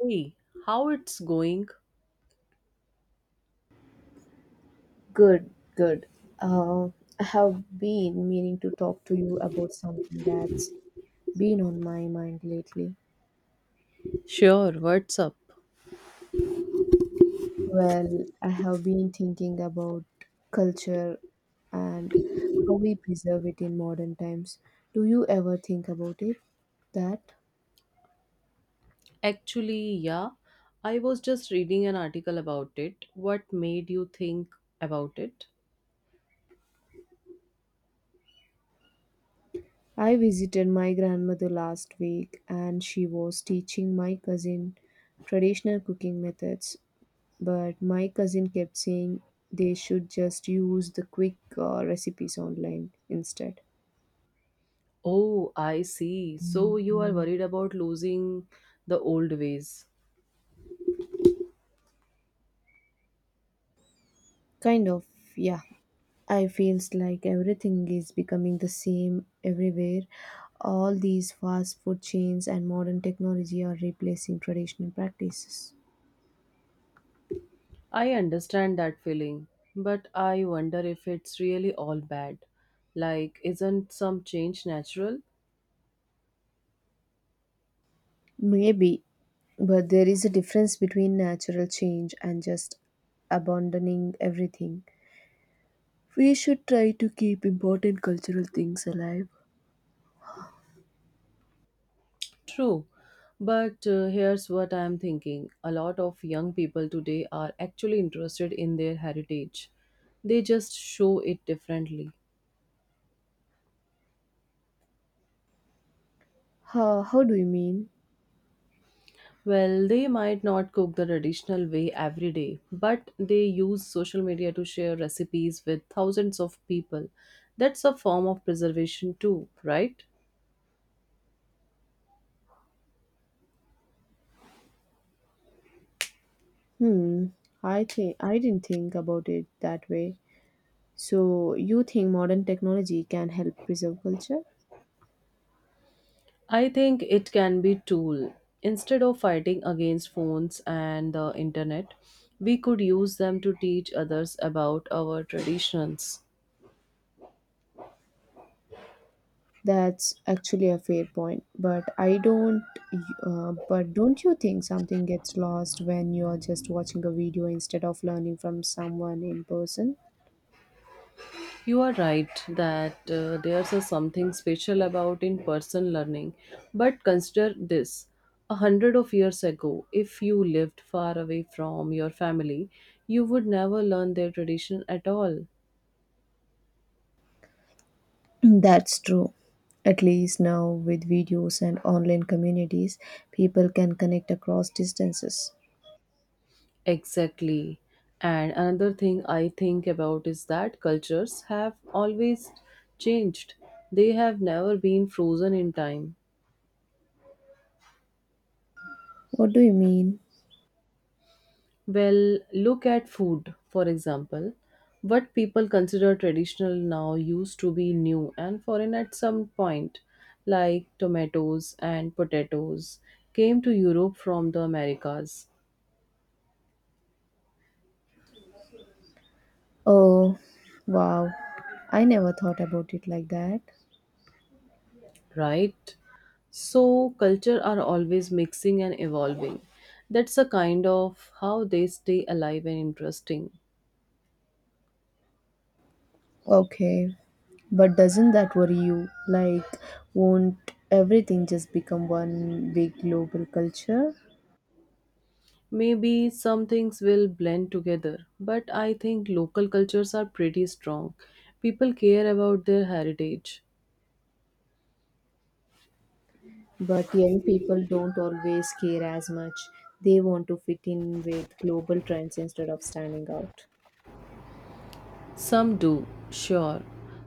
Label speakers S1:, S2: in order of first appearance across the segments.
S1: Hey, how it's going?
S2: Good, good. Uh, I have been meaning to talk to you about something that's been on my mind lately.
S1: Sure, what's up?
S2: Well, I have been thinking about culture and how we preserve it in modern times. Do you ever think about it? That
S1: Actually, yeah, I was just reading an article about it. What made you think about it?
S2: I visited my grandmother last week and she was teaching my cousin traditional cooking methods. But my cousin kept saying they should just use the quick recipes online instead.
S1: Oh, I see. So you are worried about losing the old ways.
S2: Kind of, yeah. I feels like everything is becoming the same everywhere. All these fast food chains and modern technology are replacing traditional practices.
S1: I understand that feeling, but I wonder if it's really all bad. Like, isn't some change natural?
S2: Maybe, but there is a difference between natural change and just abandoning everything. We should try to keep important cultural things alive.
S1: True, but here's what I'm thinking. A lot of young people today are actually interested in their heritage. They just show it differently.
S2: How do you mean?
S1: Well, they might not cook the traditional way every day, but they use social media to share recipes with thousands of people. That's a form of preservation, too, right?
S2: Hmm, I think I didn't think about it that way. So you think modern technology can help preserve culture?
S1: I think it can be tool. Instead of fighting against phones and the internet, we could use them to teach others about our traditions.
S2: That's actually a fair point, but I don't. But don't you think something gets lost when you are just watching a video instead of learning from someone in person?
S1: You are right that there's a something special about in-person learning, but consider this. A hundred of years ago, if you lived far away from your family, you would never learn their tradition at all.
S2: That's true. At least now, with videos and online communities, people can connect across distances.
S1: Exactly. And another thing I think about is that cultures have always changed. They have never been frozen in time.
S2: What do you mean?
S1: Well, look at food, for example. What people consider traditional now used to be new and foreign at some point, like tomatoes and potatoes, came to Europe from the Americas,
S2: Oh, wow. I never thought about it like that.
S1: right? So culture are always mixing and evolving. That's a kind of how they stay alive and interesting.
S2: Okay, but doesn't that worry you? Like, won't everything just become one big global culture?
S1: Maybe some things will blend together, but I think local cultures are pretty strong. People care about their heritage.
S2: But young people don't always care as much. They want to fit in with global trends instead of standing out.
S1: Some do, sure.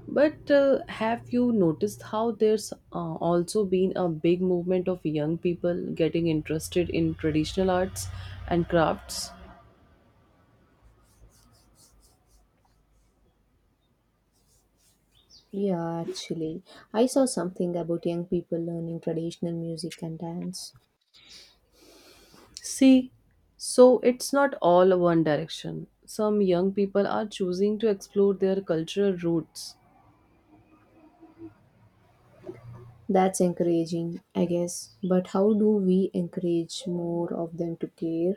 S1: But have you noticed how there's also been a big movement of young people getting interested in traditional arts and crafts?
S2: Yeah, actually, I saw something about young people learning traditional music and dance.
S1: See, so it's not all one direction. Some young people are choosing to explore their cultural roots.
S2: That's encouraging, I guess. But how do we encourage more of them to care?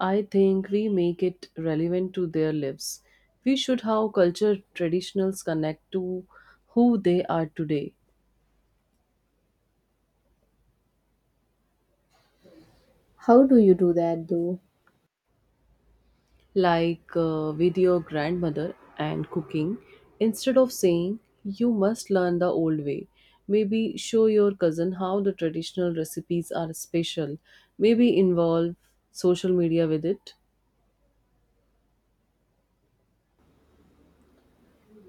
S1: I think we make it relevant to their lives. We should how culture traditionals connect to who they are today,
S2: How do you do that though?
S1: like with your grandmother and cooking. Instead of saying you must learn the old way, maybe show your cousin how the traditional recipes are special. Maybe involve social media with it.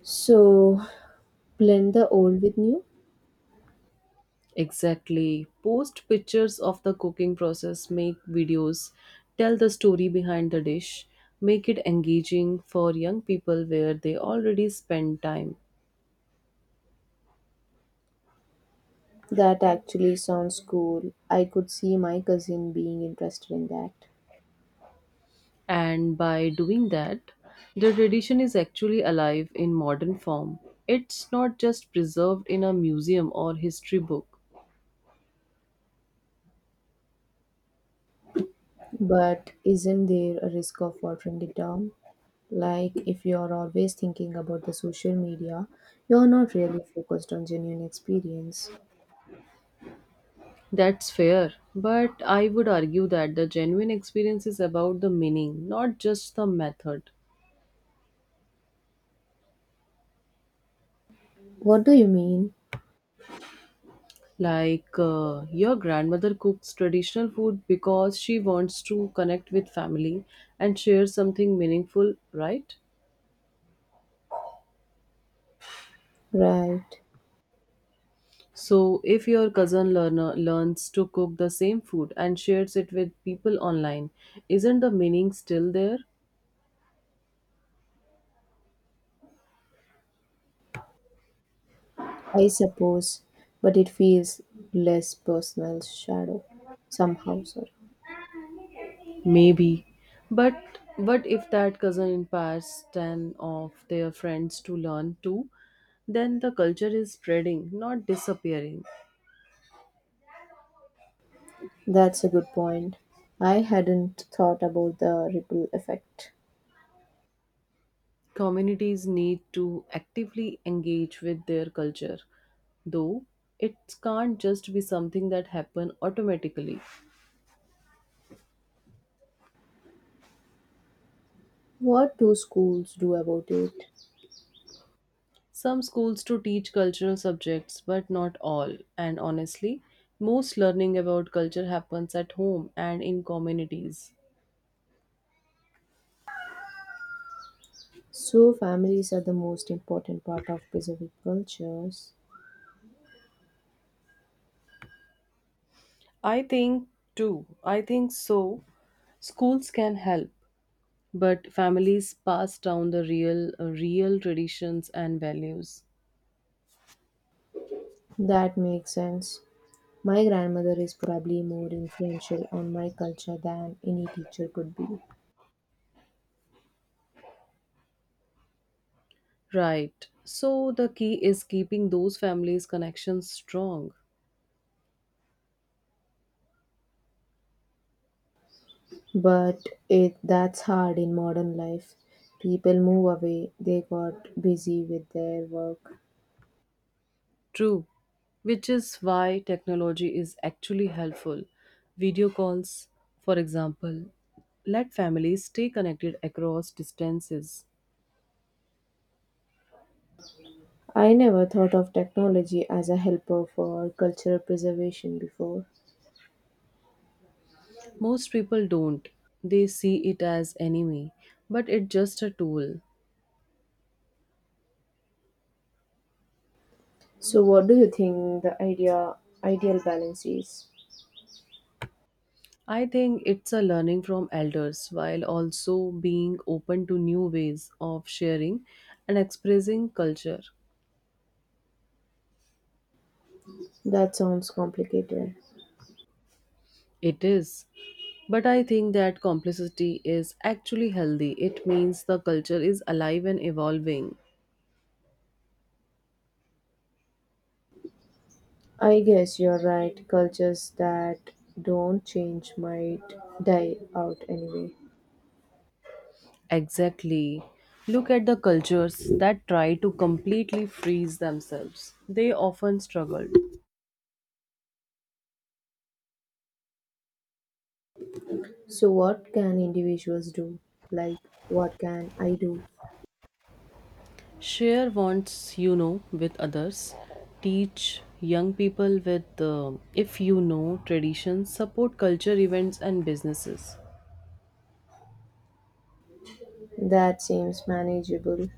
S2: So, blend the old with new?
S1: Exactly. Post pictures of the cooking process, make videos, tell the story behind the dish, make it engaging for young people where they already spend time.
S2: That actually sounds cool. I could see my cousin being interested in that.
S1: And by doing that, the tradition is actually alive in modern form. It's not just preserved in a museum or history book.
S2: But isn't there a risk of watering it down? Like, if you're always thinking about the social media, you're not really focused on genuine experience.
S1: That's fair, but I would argue that the genuine experience is about the meaning, not just the method.
S2: What do you mean?
S1: Like, your grandmother cooks traditional food because she wants to connect with family and share something meaningful, right?
S2: Right.
S1: So, if your cousin learner learns to cook the same food and shares it with people online, isn't the meaning still there?
S2: I suppose, but it feels less personal shadow somehow. Sorry.
S1: Maybe. But what if that cousin inspires 10 of their friends to learn too? Then the culture is spreading, not disappearing.
S2: That's a good point. I hadn't thought about the ripple effect.
S1: Communities need to actively engage with their culture, though it can't just be something that happen automatically.
S2: What do schools do about it?
S1: Some schools to teach cultural subjects, but not all. And honestly, most learning about culture happens at home and in communities.
S2: So, families are the most important part of Pacific cultures.
S1: I think too. I think so. Schools can help, but families pass down the real traditions and values.
S2: That makes sense. My grandmother is probably more influential on my culture than any teacher could be.
S1: Right. So the key is keeping those families' connections strong.
S2: But it that's hard in modern life. People move away, they got busy with their work.
S1: True. Which is why technology is actually helpful. Video calls, for example, let families stay connected across distances.
S2: I never thought of technology as a helper for cultural preservation before.
S1: Most people don't. They see it as enemy, but it's just a tool.
S2: So what do you think the ideal balance is?
S1: I think it's a learning from elders while also being open to new ways of sharing and expressing culture.
S2: That sounds complicated.
S1: It is. But I think that complicity is actually healthy. It means the culture is alive and evolving.
S2: I guess you're right. Cultures that don't change might die out anyway.
S1: Exactly. Look at the cultures that try to completely freeze themselves. They often struggle.
S2: So what can individuals do? Like what can I do?
S1: Share wants with others. Teach young people with if you know traditions, support culture events and businesses.
S2: That seems manageable.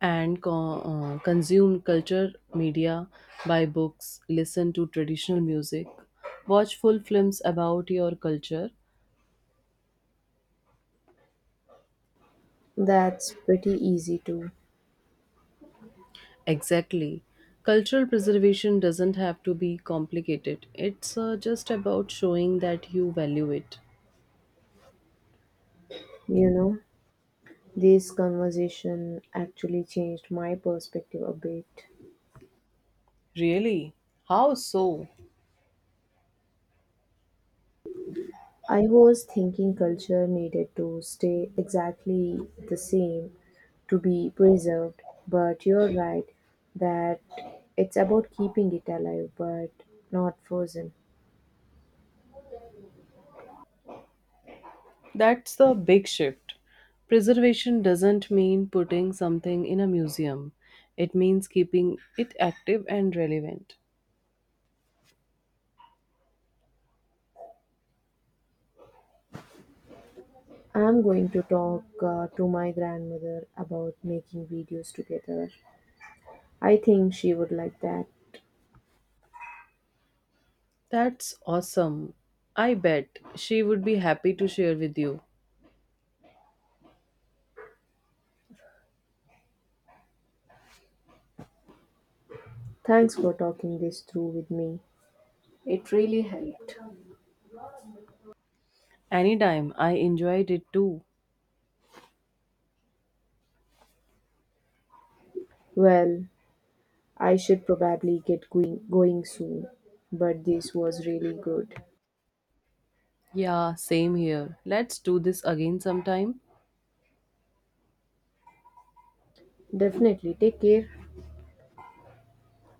S1: And consume culture media, buy books, listen to traditional music, watch full films about your culture.
S2: That's pretty easy too.
S1: Exactly. Cultural preservation doesn't have to be complicated. It's just about showing that you value it.
S2: You know, this conversation actually changed my perspective a bit.
S1: Really? How so?
S2: I was thinking culture needed to stay exactly the same to be preserved, but you're right that it's about keeping it alive but not frozen.
S1: That's the big shift. Preservation doesn't mean putting something in a museum, it means keeping it active and relevant.
S2: I'm going to talk to my grandmother about making videos together. I think she would like that.
S1: That's awesome. I bet she would be happy to share with you.
S2: Thanks for talking this through with me. It really helped.
S1: Anytime, I enjoyed it too.
S2: Well, I should probably get going soon, but this was really good.
S1: Yeah, same here. Let's do this again sometime.
S2: Definitely take care.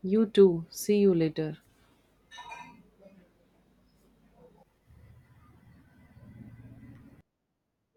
S1: You too. See you later.